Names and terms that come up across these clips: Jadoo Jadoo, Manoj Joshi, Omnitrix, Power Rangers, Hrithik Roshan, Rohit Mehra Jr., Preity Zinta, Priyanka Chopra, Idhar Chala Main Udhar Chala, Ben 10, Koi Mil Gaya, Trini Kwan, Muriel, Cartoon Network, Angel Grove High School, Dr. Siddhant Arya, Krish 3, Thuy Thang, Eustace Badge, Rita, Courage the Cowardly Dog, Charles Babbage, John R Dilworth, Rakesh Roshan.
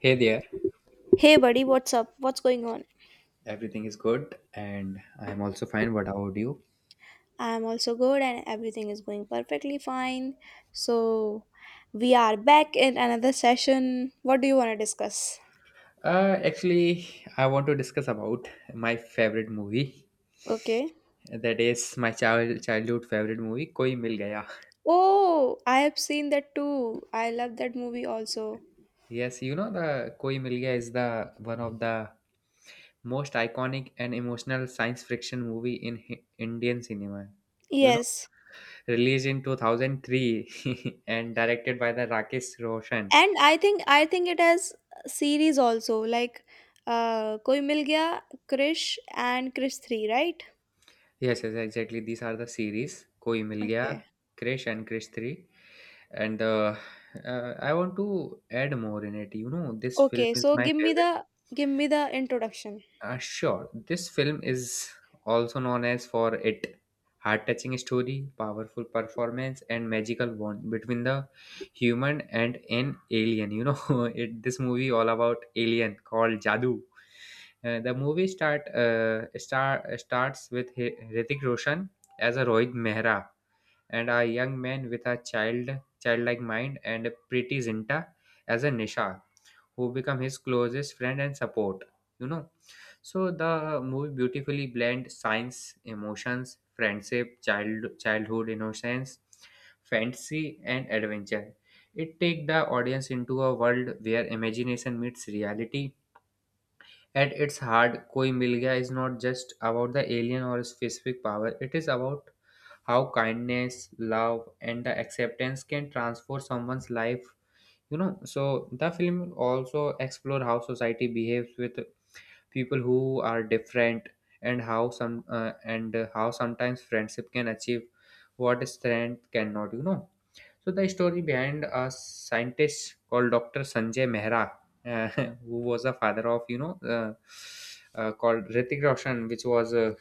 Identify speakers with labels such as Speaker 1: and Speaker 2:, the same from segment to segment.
Speaker 1: Hey there,
Speaker 2: Hey buddy, what's up? What's going on?
Speaker 1: everything is good, and I'm also fine. What about you?
Speaker 2: I'm also good and everything is going perfectly fine. So, we are back in another session. What do you want to discuss?
Speaker 1: Uh, actually, I want to discuss about my favorite movie.
Speaker 2: Okay.
Speaker 1: That is my childhood favorite movie, Koi Mil Gaya.
Speaker 2: Oh, I have seen that too. I love that movie also.
Speaker 1: Yes, you know the Koi Mil Gaya is the one of the most iconic and emotional science fiction movie in Indian cinema. You know,
Speaker 2: Yes.
Speaker 1: released in 2003 and directed by the Rakesh Roshan.
Speaker 2: And I think it has series also, like Koi Mil Gaya, Krish and Krish 3, right?
Speaker 1: Yes, yes, exactly. These are the series Koi Mil Gaya,
Speaker 2: Okay.
Speaker 1: Krish and Krish 3. And I want to add more in it, you know, this
Speaker 2: Okay,
Speaker 1: film is
Speaker 2: so
Speaker 1: my
Speaker 2: give me
Speaker 1: favorite.
Speaker 2: the give me the introduction.
Speaker 1: Sure, this film is also known as for it heart-touching story, powerful performance, and magical bond between the human and an alien, you know. It this movie all about alien called Jadoo. The movie starts with Hrithik Roshan as a Rohit Mehra, and a young man with a childlike mind, and pretty Zinta as a Nisha, who become his closest friend and support. You know, so the movie beautifully blends science, emotions, friendship, childhood innocence, fantasy, and adventure. It takes the audience into a world where imagination meets reality. At its heart, Koi Mil Gaya is not just about the alien or specific power. It is about how kindness, love, and the acceptance can transform someone's life, you know. So the film also explore how society behaves with people who are different, and how sometimes friendship can achieve what strength cannot, you know. So the story behind a scientist called Dr. Sanjay Mehra, uh, who was a father of, you know, called Ritik Roshan, which was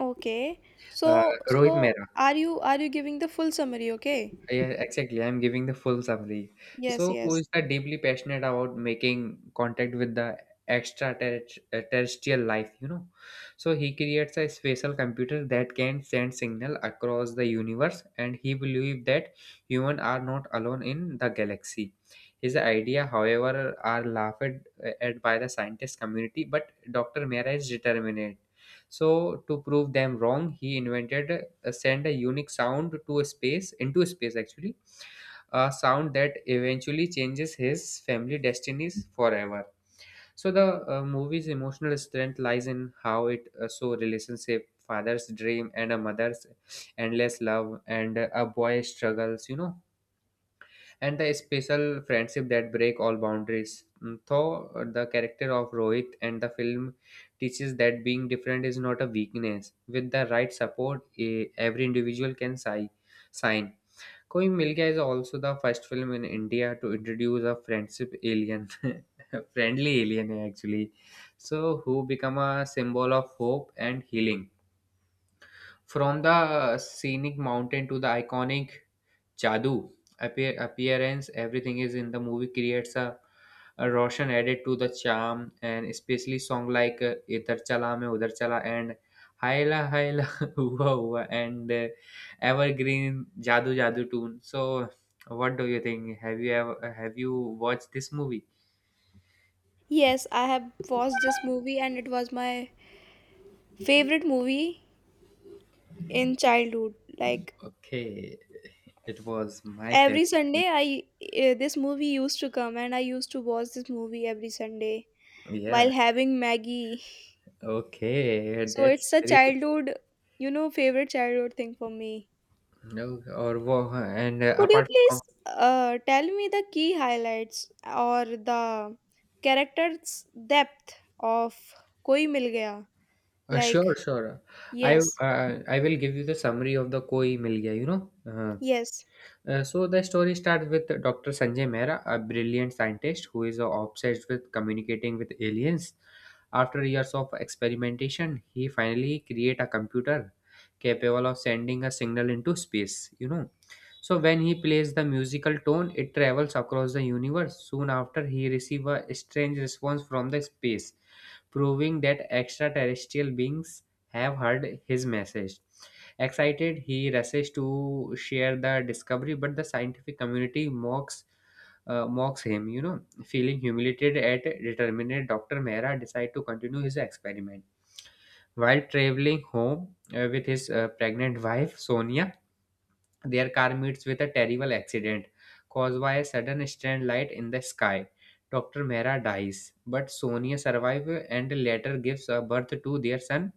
Speaker 2: Okay.
Speaker 1: uh,
Speaker 2: So
Speaker 1: Rohit
Speaker 2: so
Speaker 1: Mehra.
Speaker 2: are you giving the full summary? Okay?
Speaker 1: Yeah, exactly. I'm giving the full summary.
Speaker 2: Yes,
Speaker 1: So, who
Speaker 2: yes.
Speaker 1: is that deeply passionate about making contact with the extraterrestrial life, you know? So, he creates a spatial computer that can send signal across the universe, and he believes that humans are not alone in the galaxy. His idea, however, are laughed at by the scientist community, but Dr. Mera is determined. So to prove them wrong, he invented, send a unique sound to space, into space actually, a sound that eventually changes his family destinies forever. So the movie's emotional strength lies in how it, so relationship, father's dream and a mother's endless love, and a boy's struggles, you know, and the special friendship that break all boundaries. Though the character of Rohit and the film teaches that being different is not a weakness. With the right support, every individual can sign. Koi Mil Gaya is also the first film in India to introduce a friendship alien, friendly alien actually, so who become a symbol of hope and healing. From the scenic mountain to the iconic Jadoo appearance, everything is in the movie creates a Roshan added to the charm, and especially song like "Idhar Chala Main Udhar Chala" and "Haila Haila Hua Hua" and evergreen "Jadoo Jadoo" tune. So, what do you think? Have you watched this movie?
Speaker 2: Yes, I have watched this movie and it was my favorite movie in childhood. Like,
Speaker 1: Okay, it was my
Speaker 2: every
Speaker 1: favorite
Speaker 2: Sunday I this movie used to come and I used to watch this movie every Sunday
Speaker 1: movie. Yeah.
Speaker 2: while having Maggie.
Speaker 1: Okay,
Speaker 2: So
Speaker 1: that's
Speaker 2: it's a
Speaker 1: very
Speaker 2: childhood, you know, favorite childhood thing for me.
Speaker 1: no. Or wo- and
Speaker 2: Could you
Speaker 1: Apart
Speaker 2: please
Speaker 1: from
Speaker 2: tell me the key highlights or the character's depth of Koi Mil Gaya? Like,
Speaker 1: Sure, sure.
Speaker 2: yes,
Speaker 1: I will give you the summary of the Koi Mil Gaya, you know.
Speaker 2: yes,
Speaker 1: So the story starts with Dr. Sanjay Mehra, a brilliant scientist who is obsessed with communicating with aliens. After years of experimentation, he finally create a computer capable of sending a signal into space, you know. So when he plays the musical tone, it travels across the universe. Soon after, he receives a strange response from the space, proving that extraterrestrial beings have heard his message. Excited, he rushes to share the discovery, but the scientific community mocks him. You know, feeling humiliated at determined, Doctor Mehra decide to continue his experiment. While traveling home with his pregnant wife Sonia, their car meets with a terrible accident caused by a sudden strand light in the sky. Dr. Mehra dies, but Sonia survives and later gives a birth to their son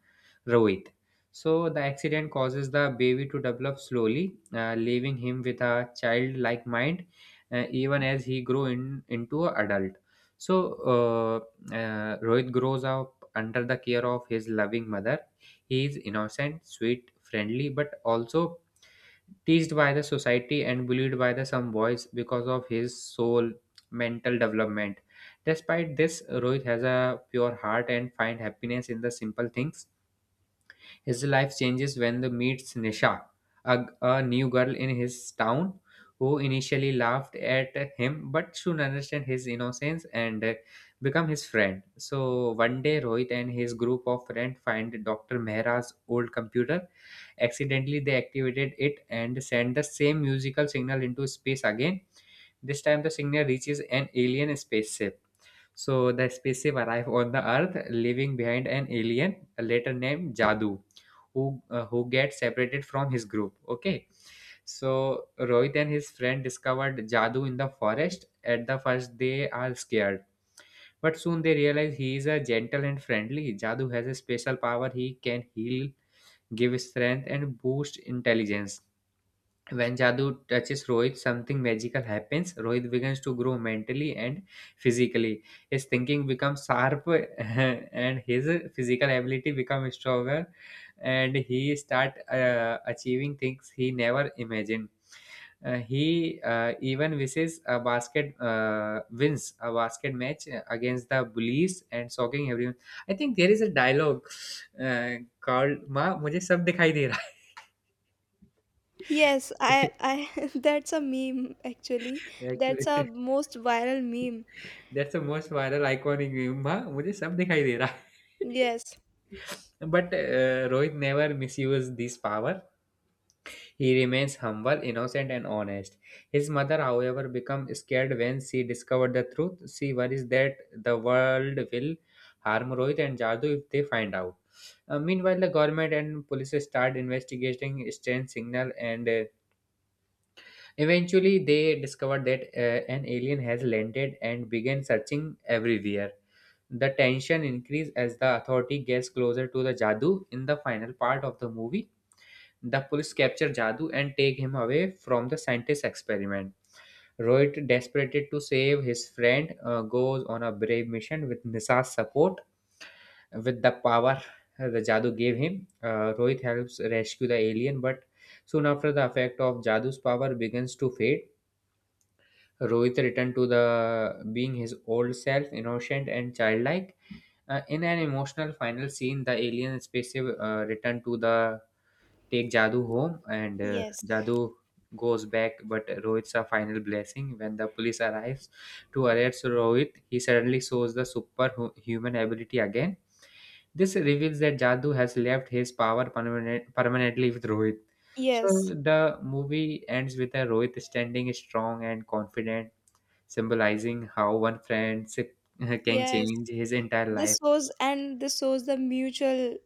Speaker 1: Rohit. So the accident causes the baby to develop slowly, leaving him with a childlike mind even as he grows into an adult. So Rohit grows up under the care of his loving mother. He is innocent, sweet, friendly, but also teased by the society and bullied by the some boys because of his soul mental development. Despite this, Rohit has a pure heart and find happiness in the simple things. His life changes when he meets Nisha, a new girl in his town who initially laughed at him but soon understand his innocence, and become his friend. So one day Rohit and his group of friends find Dr. Mehra's old computer. Accidentally they activated it and send the same musical signal into space again. This time the signal reaches an alien spaceship. So the spaceship arrive on the Earth, leaving behind an alien, later named Jadoo, who gets separated from his group. Okay, so Rohit and his friend discovered Jadoo in the forest. At the first, they are scared, but soon they realize he is a gentle and friendly. Jadoo has a special power; he can heal, give strength, and boost intelligence. When Jadoo touches Rohit, something magical happens. Rohit begins to grow mentally and physically. His thinking becomes sharp and his physical ability becomes stronger, and he start achieving things he never imagined. He even wishes a basket wins a basket match against the bullies and shocking everyone. I think there is a dialogue called "माँ मुझे सब दिखाई दे रहा
Speaker 2: yes.
Speaker 1: है."
Speaker 2: I. That's a meme, actually. That's a most viral meme.
Speaker 1: That's the most viral iconic meme. Ma, मुझे सब दिखाई दे रहा.
Speaker 2: Yes,
Speaker 1: But Rohit never misuses this power. He remains humble, innocent, and honest. His mother, however, becomes scared when she discovers the truth. She worries that the world will harm Rohit and Jadoo if they find out. Meanwhile, the government and police start investigating strange signal and. Eventually, they discovered that an alien has landed and began searching everywhere. The tension increased as the authority gets closer to the Jadoo. In the final part of the movie, the police capture Jadoo and take him away from the scientist experiment. Rohit, desperate to save his friend, goes on a brave mission with Nisa's support. With the power the Jadoo gave him, Rohit helps rescue the alien, but soon after, the effect of Jadu's power begins to fade. Rohit returned to the being his old self, innocent and childlike. In an emotional final scene, the alien spaceship returned to the take Jadoo home, and
Speaker 2: yes,
Speaker 1: Jadoo goes back, but Rohit's a final blessing. When the police arrives to arrest Rohit, he suddenly shows the superhuman ability again. This reveals that Jadoo has left his permanently with Rohit. So
Speaker 2: yes,
Speaker 1: the movie ends with a Rohit standing strong and confident, symbolizing how one friendship can
Speaker 2: yes.
Speaker 1: change his entire life.
Speaker 2: This shows the mutual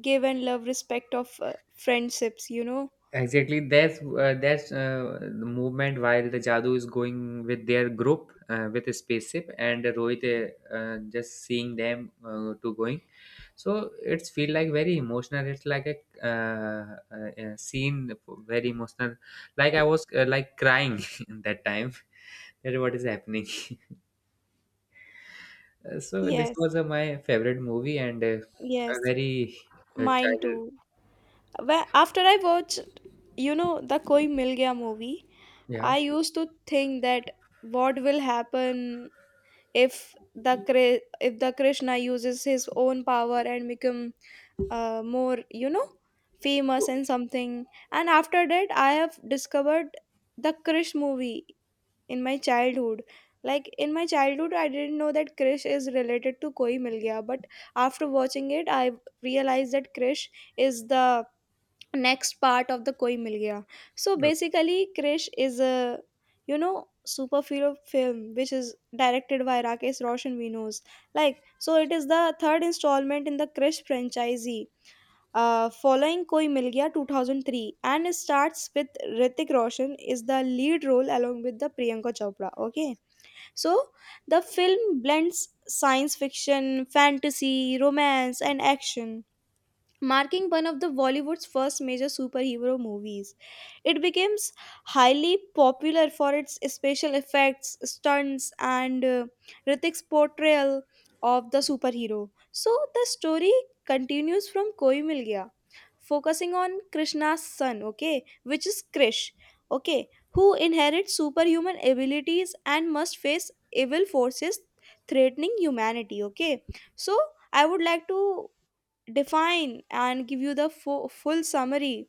Speaker 2: give and love respect of friendships, you know.
Speaker 1: Exactly, that's the movement while the Jadoo is going with their group, with a spaceship, and Rohit just seeing them to going. So it's feel like very emotional. It's like a scene very emotional. Like I was, like, crying in that time. That what is happening. So this
Speaker 2: Yes,
Speaker 1: was my favorite movie and a
Speaker 2: yes.
Speaker 1: very
Speaker 2: Mine
Speaker 1: child.
Speaker 2: too. After I watch, you know, the Koi Mil Gaya movie, I
Speaker 1: Yeah.
Speaker 2: used to think that what will happen if if the Krishna uses his own power and become more, you know, famous
Speaker 1: So,
Speaker 2: and something. And after that I have discovered the Krish movie in my childhood. Like, in my childhood I didn't know that Krish is related to Koi Mil Gaya, but after watching it I realized that Krish is the next part of the Koi Mil Gaya. So
Speaker 1: okay.
Speaker 2: basically Krish is a, you know, superhero film which is directed by Rakesh Roshan, we knows, like. So it is the third installment in the Krish franchise, following Koi Mil Gaya 2003, and it starts with Ritik Roshan is the lead role along with the Priyanka Chopra. Okay, so the film blends science fiction, fantasy, romance and action, marking one of the Bollywood's first major superhero movies. It became highly popular for its special effects, stunts, and Ritik's portrayal of the superhero. So the story continues from Koi Mil Gaya, focusing on Krishna's son, okay, which is Krish, okay, who inherits superhuman abilities and must face evil forces threatening humanity, okay. So I would like to define and give you the full summary,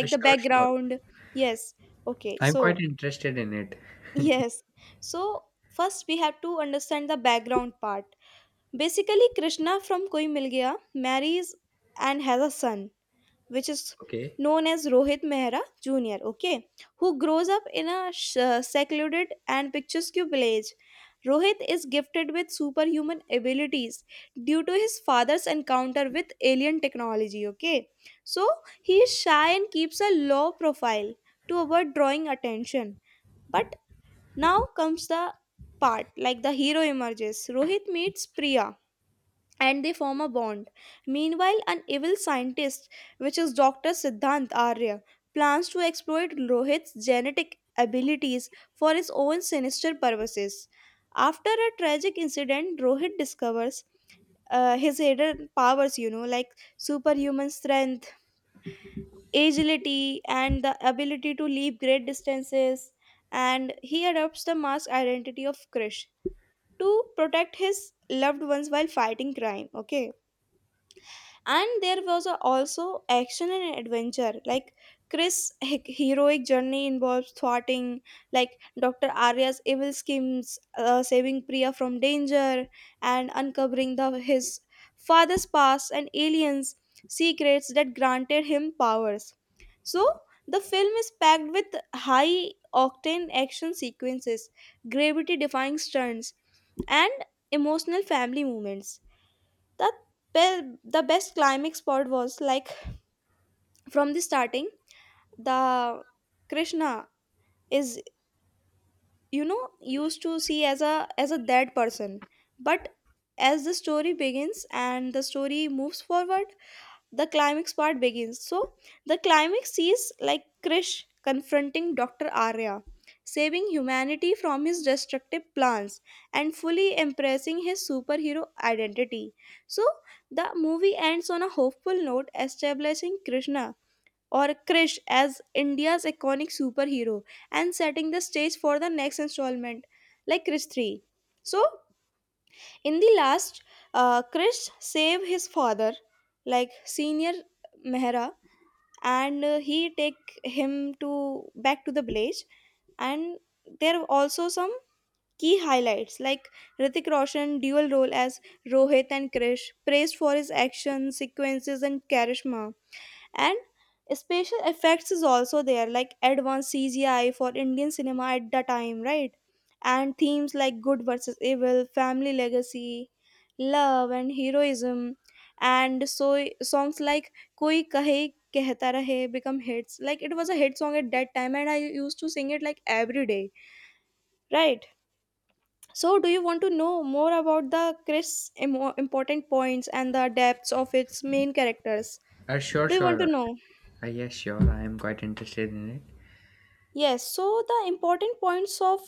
Speaker 2: the
Speaker 1: Sure, sure.
Speaker 2: background. Yes. Okay,
Speaker 1: I'm quite
Speaker 2: so
Speaker 1: interested in it.
Speaker 2: yes. So first we have to understand the background part. Basically, Krishna from Koi Mil Gaya marries and has a son, which is
Speaker 1: Okay.
Speaker 2: known as Rohit Mehra Jr., okay, who grows up in a secluded and picturesque village. Rohit is gifted with superhuman abilities due to his father's encounter with alien technology, okay. So he is shy and keeps a low profile to avoid drawing attention. But now comes the part, like the hero emerges. Rohit meets Priya, and they form a bond. Meanwhile, an evil scientist, which is Dr. Siddhant Arya, plans to exploit Rohit's genetic abilities for his own sinister purposes. After a tragic incident, Rohit discovers his hidden powers, you know, like superhuman strength, agility, and the ability to leap great distances. And he adopts the masked identity of Krish to protect his loved ones while fighting crime. Okay, and there was also action and adventure, like Chris heroic journey involves thwarting, like, Dr. Arya's evil schemes, saving Priya from danger and uncovering the his father's past and aliens secrets that granted him powers. So the film is packed with high octane action sequences, gravity defying stunts, and emotional family moments. that the best climax part was like, from the starting, the Krishna is, you know, used to see as a dead person, but as the story begins and the story moves forward, the climax part begins. So the climax sees like Krish confronting Dr. Arya, saving humanity from his destructive plans and fully embracing his superhero identity. So the movie ends on a hopeful note, establishing Krishna or Krish as India's iconic superhero and setting the stage for the next installment, like Krish 3. So in the last, Krish save his father, like senior Mehra, and he take him to back to the village. And there are also some key highlights, like Ritik Roshan dual role as Rohit and Krish, praised for his action sequences and charisma, and special effects is also there, like advanced CGI for Indian cinema at the time, right? And themes like good versus evil, family legacy, love and heroism. And so songs like Koi Kahe Kehta Rahe become hits. Like, it was a hit song at that time and I used to sing it like every day, right? So do you want to know more about the Chris important points and the depths of its main characters?
Speaker 1: Sure,
Speaker 2: Do you want to
Speaker 1: sure.
Speaker 2: know?
Speaker 1: Yes, sure. I am quite interested in it.
Speaker 2: Yes, so the important points of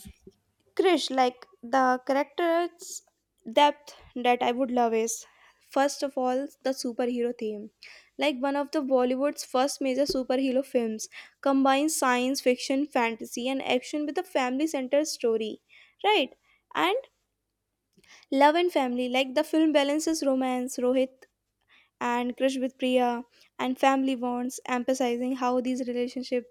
Speaker 2: Krish, like the character's depth that I would love, is first of all the superhero theme. Like, one of the Bollywood's first major superhero films, combines science fiction, fantasy, and action with a family centered story, right? And love and family, like the film balances romance, Rohit and Crush with Priya and Family Bonds, emphasizing how these relationships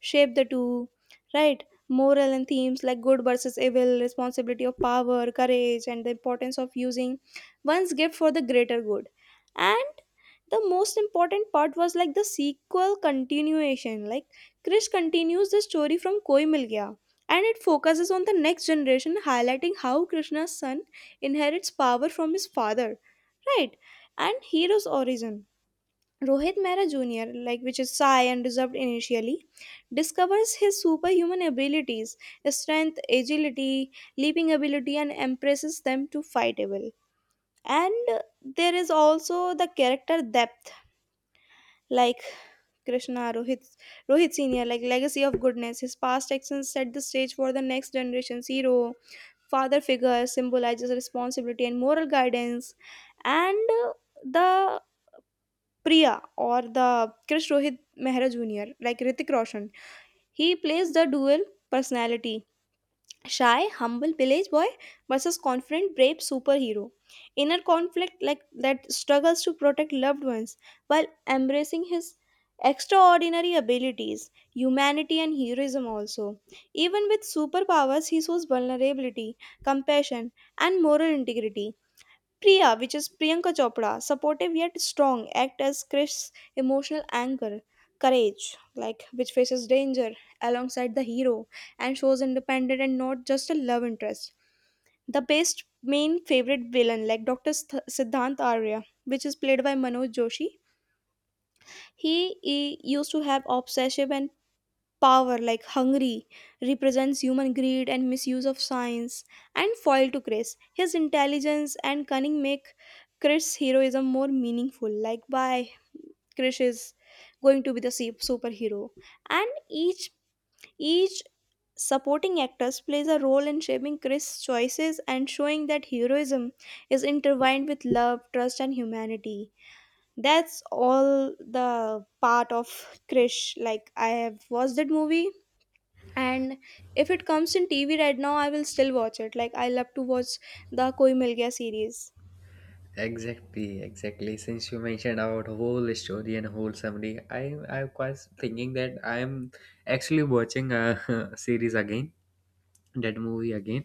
Speaker 2: shape the two, right? Moral and themes like good versus evil, responsibility of power, courage, and the importance of using one's gift for the greater good. And the most important part was like the sequel continuation. Like, Krish continues the story from Koi Mil Gaya and it focuses on the next generation, highlighting how Krishna's son inherits power from his father. Right, and hero's origin. Rohit Mehra Jr., like, which is shy and reserved initially, discovers his superhuman abilities, strength, agility, leaping ability, and embraces them to fight evil. And there is also the character depth, like Krishna Rohit Senior, like legacy of goodness. His past actions set the stage for the next generation's hero. Father figure symbolizes responsibility and moral guidance, and uh, the Priya or the Krish Rohit Mehra Jr., like Ritik Roshan. He plays the dual personality, shy, humble village boy versus confident, brave superhero. Inner conflict like that struggles to protect loved ones while embracing his extraordinary abilities, humanity, and heroism also. Even with superpowers, he shows vulnerability, compassion, and moral integrity. Priya, which is Priyanka Chopra, supportive yet strong, act as Krish's emotional anchor, courage, like which faces danger alongside the hero and shows independent and not just a love interest. The best main favorite villain, like Dr. Siddhant Arya, which is played by Manoj Joshi, he used to have obsessive and power like Hungary, represents human greed and misuse of science and foil to Chris. His intelligence and cunning make Chris' heroism more meaningful. Like, by Chris is going to be the superhero. And each supporting actors plays a role in shaping Chris' choices and showing that heroism is intertwined with love, trust and humanity. That's all the part of Krish. Like, I have watched that movie, and if it comes in TV right now I will still watch it. Like, I love to watch the Koi Mil Gaya series.
Speaker 1: Exactly, exactly. Since you mentioned about whole story and whole summary, I was thinking that I am actually watching a series again, that movie again.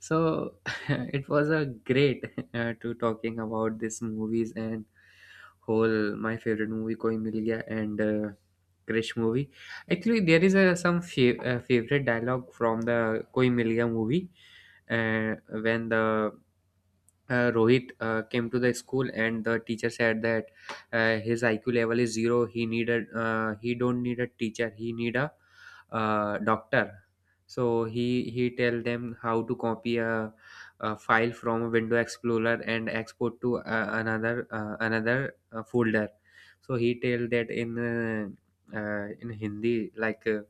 Speaker 1: So it was a great to talking about these movies and whole my favorite movie Koi Mil Gaya and Krish movie. Actually, there is some favorite dialogue from the Koi Mil Gaya movie when the Rohit came to the school and the teacher said that his IQ level is zero. He needed, he don't need a teacher. He need a doctor. So he tell them how to copy a file from a Window Explorer and export to another folder. So he tell that in Hindi like.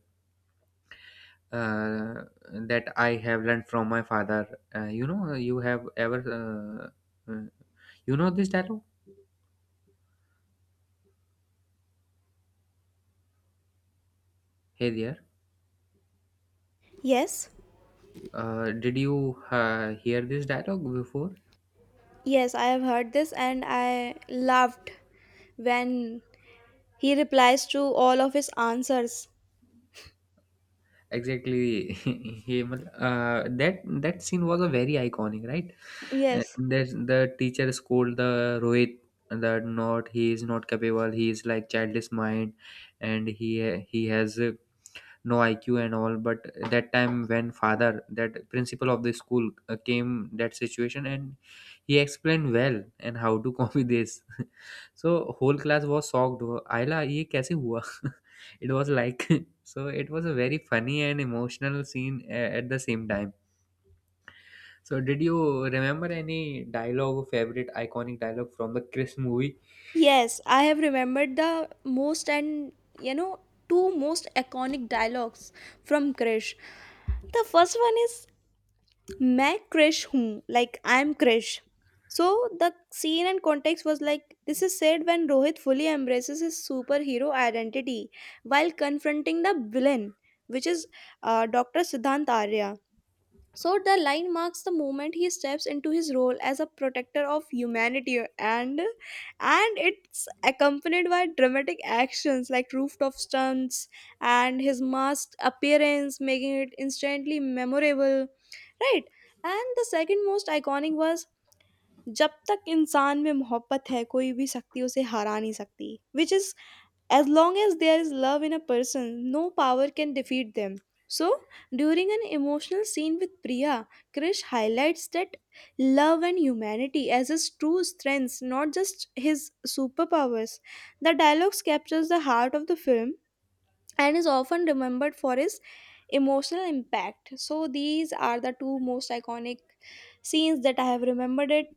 Speaker 1: uh, that I have learned from my father. You know, you have ever uh, uh, you know this dialogue? Hey there.
Speaker 2: Yes,
Speaker 1: Did you hear this dialogue before?
Speaker 2: yes, I have heard this and I loved when he replies to all of his answers.
Speaker 1: Exactly, Hemal. That scene was a very iconic, right?
Speaker 2: Yes,
Speaker 1: There's the teacher scold the Rohit that not he is not capable. He is like childish mind, and he has no iq and all. But that time when father, that principal of the school, came that situation and he explained well and how to copy this so whole class was shocked, "Oh, ayla ye kaise hua" it was like so it was a very funny and emotional scene at the same time. So did you remember any dialogue, favorite iconic dialogue from the Chris movie?
Speaker 2: yes, I have remembered the most, and, you know, two most iconic dialogues from Krish. The first one is मैं Krish हूँ, like I'm Krish. So the scene and context was like, this is said when Rohit fully embraces his superhero identity while confronting the villain, which is Dr. Siddhant Arya. So the line marks the moment he steps into his role as a protector of humanity, and it's accompanied by dramatic actions like rooftop stunts and his masked appearance, making it instantly memorable. Right. And the second most iconic was जब तक इंसान में मोहब्बत है कोई भी शक्ति उसे हरा नहीं सकती, which is, as long as there is love in a person, no power can defeat them. So, during an emotional scene with Priya, Krish highlights that love and humanity as his true strengths, not just his superpowers. The dialogues captures the heart of the film and is often remembered for his emotional impact. So, these are the two most iconic scenes that I have remembered it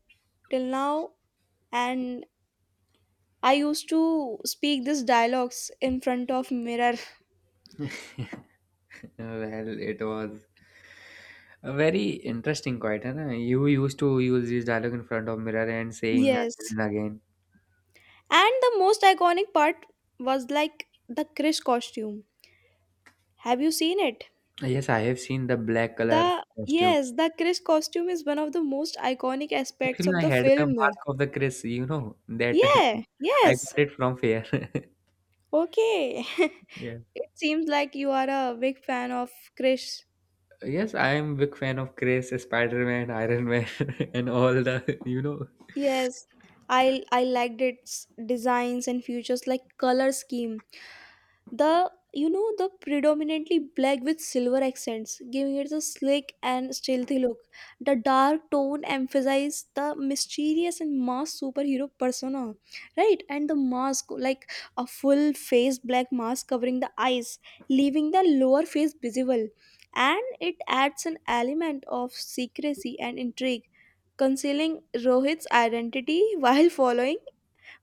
Speaker 2: till now. And I used to speak these dialogues in front of mirror.
Speaker 1: Well, it was a very interesting quite, huh? You used to use this dialogue in front of mirror and saying again
Speaker 2: Yes.
Speaker 1: and again.
Speaker 2: And the most iconic part was like the Chris costume. Have you seen it?
Speaker 1: Yes, I have seen the black color
Speaker 2: The
Speaker 1: costume.
Speaker 2: yes, the Chris costume is one of the most iconic aspects
Speaker 1: Actually,
Speaker 2: of
Speaker 1: I
Speaker 2: the
Speaker 1: had the
Speaker 2: film.
Speaker 1: mask of the Chris, that
Speaker 2: Yeah,
Speaker 1: I
Speaker 2: yes.
Speaker 1: got it from Fair.
Speaker 2: Okay.
Speaker 1: Yeah.
Speaker 2: It seems like you are a big fan of Chris.
Speaker 1: Yes, I am big fan of Chris, Spider-Man, Iron Man, and all the,
Speaker 2: Yes. I liked its designs and features, like color scheme. The, you know, the predominantly black with silver accents, giving it a slick and stealthy look. The dark tone emphasizes the mysterious and masked superhero persona, right? And the mask, like a full face black mask covering the eyes, leaving the lower face visible, and it adds an element of secrecy and intrigue, concealing Rohit's identity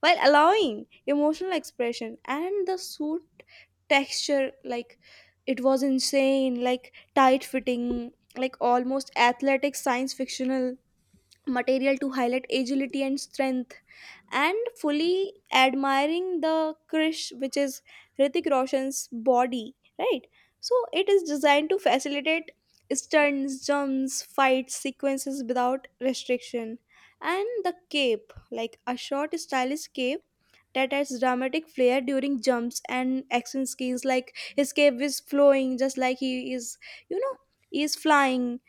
Speaker 2: while allowing emotional expression. And the suit texture, like it was insane, like tight fitting, like almost athletic, science fictional material to highlight agility and strength, and fully admiring the Krish, which is Hrithik Roshan's body, right? So it is designed to facilitate stunts, jumps, fight sequences without restriction. And the cape, like a short stylish cape that adds dramatic flair during jumps and action scenes, like his cape is flowing just like he is, you know he is flying,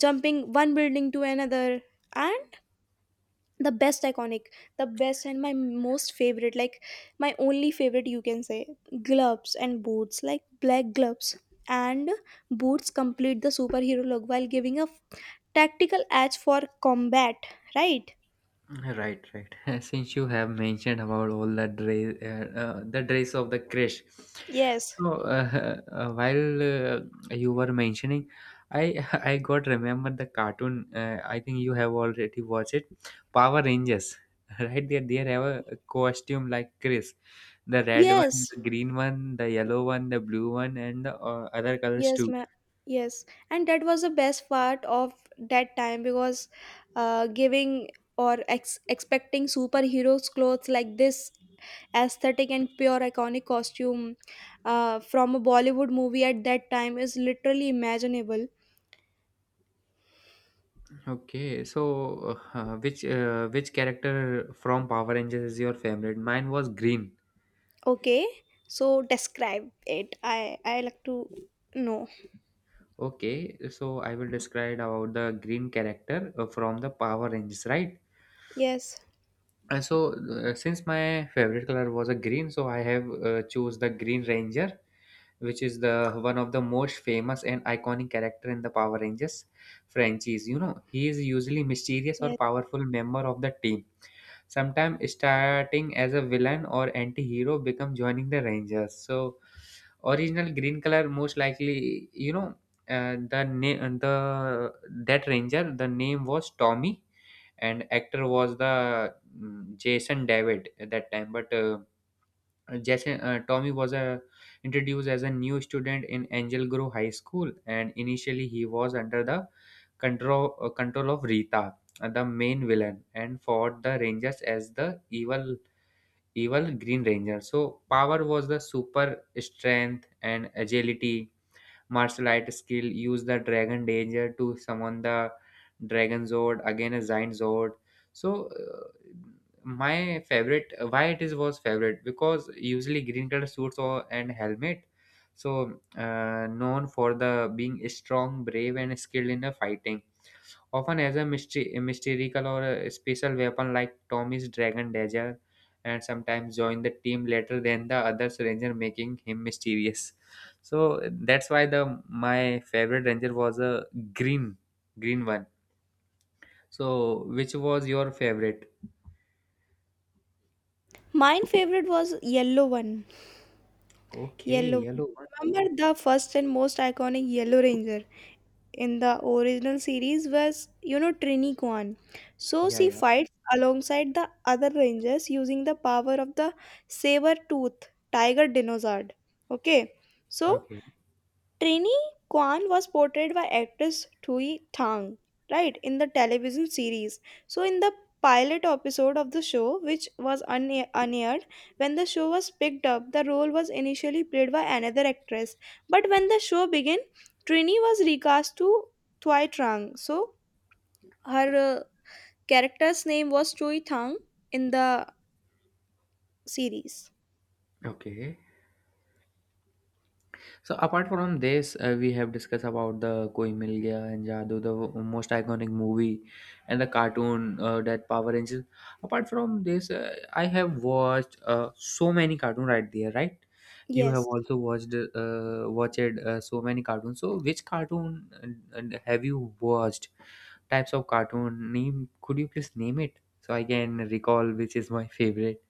Speaker 2: jumping one building to another. And the best iconic the best and my most favorite, like my only favorite you can say, gloves and boots, like black gloves and boots complete the superhero look while giving a tactical edge for combat, right?
Speaker 1: right, right. Since you have mentioned about all the dress of the crash.
Speaker 2: yes
Speaker 1: So while you were mentioning, I I got remember the cartoon. I think you have already watched it, Power Rangers. Right there, they have a costume like Chris, the red one,
Speaker 2: yes
Speaker 1: the green one, the yellow one, the blue one, and the other colors
Speaker 2: yes
Speaker 1: too.
Speaker 2: ma- yes And that was the best part of that time, because uh giving expecting superheroes clothes like this aesthetic and pure iconic costume, from a Bollywood movie at that time is literally imaginable.
Speaker 1: Okay, so which character from Power Rangers is your favorite? Mine was green.
Speaker 2: Okay, so describe it. I like to know.
Speaker 1: Okay, so I will describe about the green character from the Power Rangers, right?
Speaker 2: Yes,
Speaker 1: And so, since my favorite color was a green, so I have chose the Green Ranger, which is the one of the most famous and iconic character in the Power Rangers franchise. You know, he is usually mysterious or
Speaker 2: yes.
Speaker 1: powerful member of the team, sometimes starting as a villain or anti-hero become joining the rangers. So original green color, most likely, you know, the that ranger, the name was Tommy, and actor was the Jason David at that time. But जैसे Tommy was a, introduced as a new student in Angel Grove High School, and initially he was under the control of Rita, the main villain, and fought the Rangers as the evil Green Ranger. So power was the super strength and agility, martial art skill, use the dragon danger to summon the dragon zord, again a giant zord. So my favorite, why it is was favorite because usually green color suits or and helmet. So known for the being strong, brave, and skilled in the fighting, often as a mystery, a mystical or a special weapon like Tommy's dragon dagger, and sometimes join the team later than the other ranger, making him mysterious. So that's why the my favorite ranger was a green, green one. So which was your favorite?
Speaker 2: Mine favorite was yellow one.
Speaker 1: Okay,
Speaker 2: Yellow.
Speaker 1: yellow one.
Speaker 2: Remember, the first and most iconic Yellow Ranger in the original series was, Trini Kwan. So
Speaker 1: Yeah,
Speaker 2: she
Speaker 1: yeah.
Speaker 2: fights alongside the other Rangers using the power of the saber tooth tiger dinosaur. Okay. So
Speaker 1: Okay,
Speaker 2: Trini Kwan was portrayed by actress Thuy Thang, right, in the television series. So, in the pilot episode of the show, which was unaired, when the show was picked up, the role was initially played by another actress. But when the show began, Trini was recast to Thuy Trang. So, her character's name was Thuy Thang in the series.
Speaker 1: okay. So apart from this, we have discussed about the Koi Mil Gaya and Jadoo, the most iconic movie, and the cartoon that Power Rangers. Apart from this, I have watched so many cartoon right there, right? You have
Speaker 2: Yes.
Speaker 1: also watched so many cartoons. So which cartoon have you watched? Types of cartoon name? Could you please name it so I can recall which is my favorite?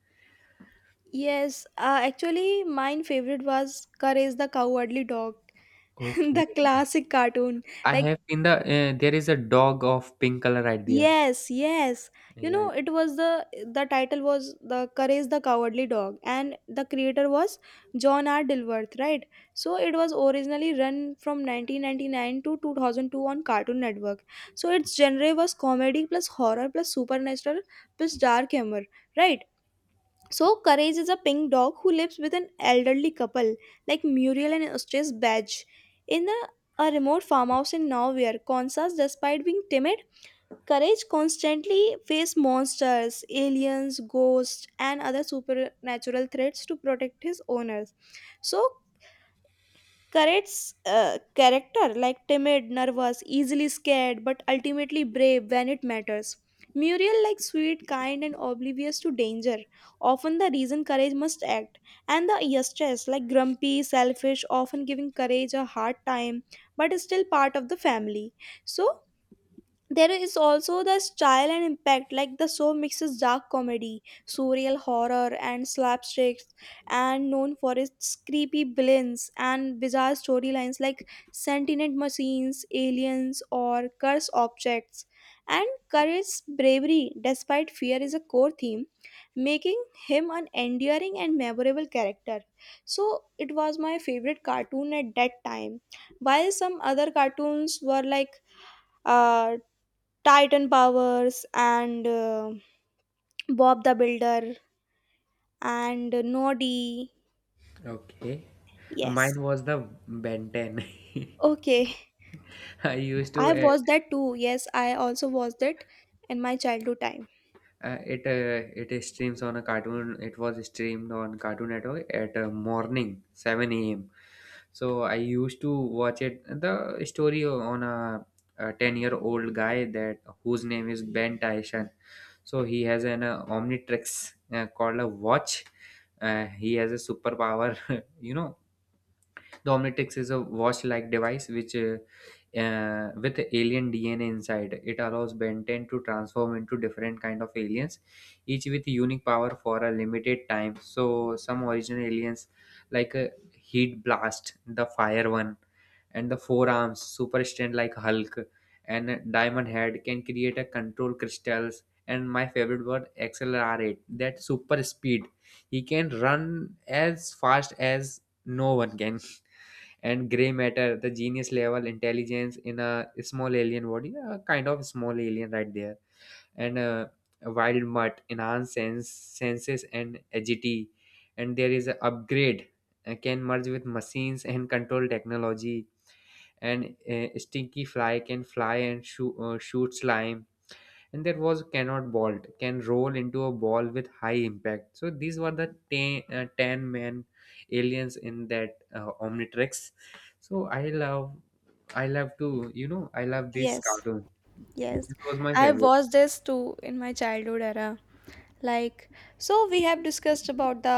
Speaker 2: Yes, actually, my favorite was Courage the Cowardly Dog. The
Speaker 1: Okay.
Speaker 2: classic cartoon,
Speaker 1: I
Speaker 2: like,
Speaker 1: have in the there is a dog of pink color right there.
Speaker 2: yes.
Speaker 1: Yeah.
Speaker 2: It was, the title was The Courage the Cowardly Dog, and the creator was John R. Dilworth, right? So it was originally run from 1999 to 2002 on Cartoon Network. So its genre was comedy plus horror plus supernatural plus dark humor, right? So Courage is a pink dog who lives with an elderly couple, like Muriel and Eustace Badge, in a remote farmhouse in Nowhere, Kansas. Despite being timid, Courage constantly faces monsters, aliens, ghosts, and other supernatural threats to protect his owners. So Karet's character, like timid, nervous, easily scared, but ultimately brave when it matters. Muriel, like sweet, kind, and oblivious to danger, often the reason Courage must act. And the Eustace, like grumpy, selfish, often giving Courage a hard time, but is still part of the family. So there is also the style and impact, like the show mixes dark comedy, surreal horror and slapsticks, and known for its creepy villains and bizarre storylines like sentient machines, aliens or cursed objects. And Courage's bravery despite fear is a core theme, making him an endearing and memorable character. So it was my favorite cartoon at that time, while some other cartoons were like, uh Titan Powers, and Bob the Builder, and Noddy.
Speaker 1: Okay.
Speaker 2: Yes.
Speaker 1: Mine was the Ben 10.
Speaker 2: Okay.
Speaker 1: I used to
Speaker 2: I watched that too. Yes, I also watched it in my childhood time.
Speaker 1: it streams on a cartoon. It was streamed on Cartoon Network at morning 7 a.m. So I used to watch it. The story on a 10-year-old guy that whose name is Ben Tyson. So he has an Omnitrix called a watch. He has a superpower. You know, the Omnitrix is a watch-like device which, with alien DNA inside, it allows Ben 10 to transform into different kind of aliens, each with unique power for a limited time. So some original aliens like a heat blast, the fire one, and the forearms, super strength like Hulk, and a diamond head can create a control crystals. And my favorite word, accelerate, that super speed. He can run as fast as no one can, and gray matter, the genius level intelligence in a small alien body, a kind of small alien right there, and a wild mutt, enhanced sense, senses and agility, and there is a upgrade can merge with machines and control technology, and stinky fly can fly and shoot slime, and there was cannot bolt can roll into a ball with high impact. So these were the 10, 10-man aliens in that omnitrix. So I love to, you know, I love this
Speaker 2: Yes.
Speaker 1: cartoon.
Speaker 2: Yes.
Speaker 1: This was my
Speaker 2: I
Speaker 1: favorite.
Speaker 2: watched this too in my childhood era. Like, so we have discussed about the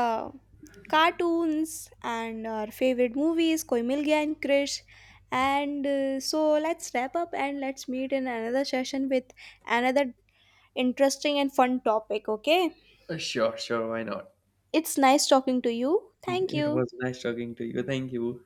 Speaker 2: cartoons and our favorite movies, Koi Mil, Koimilgia and Krish. And so let's wrap up and let's meet in another session with another interesting and fun topic, okay?
Speaker 1: Sure, sure, why not?
Speaker 2: It's nice talking to you. Thank
Speaker 1: It
Speaker 2: you.
Speaker 1: was nice talking to you. Thank you.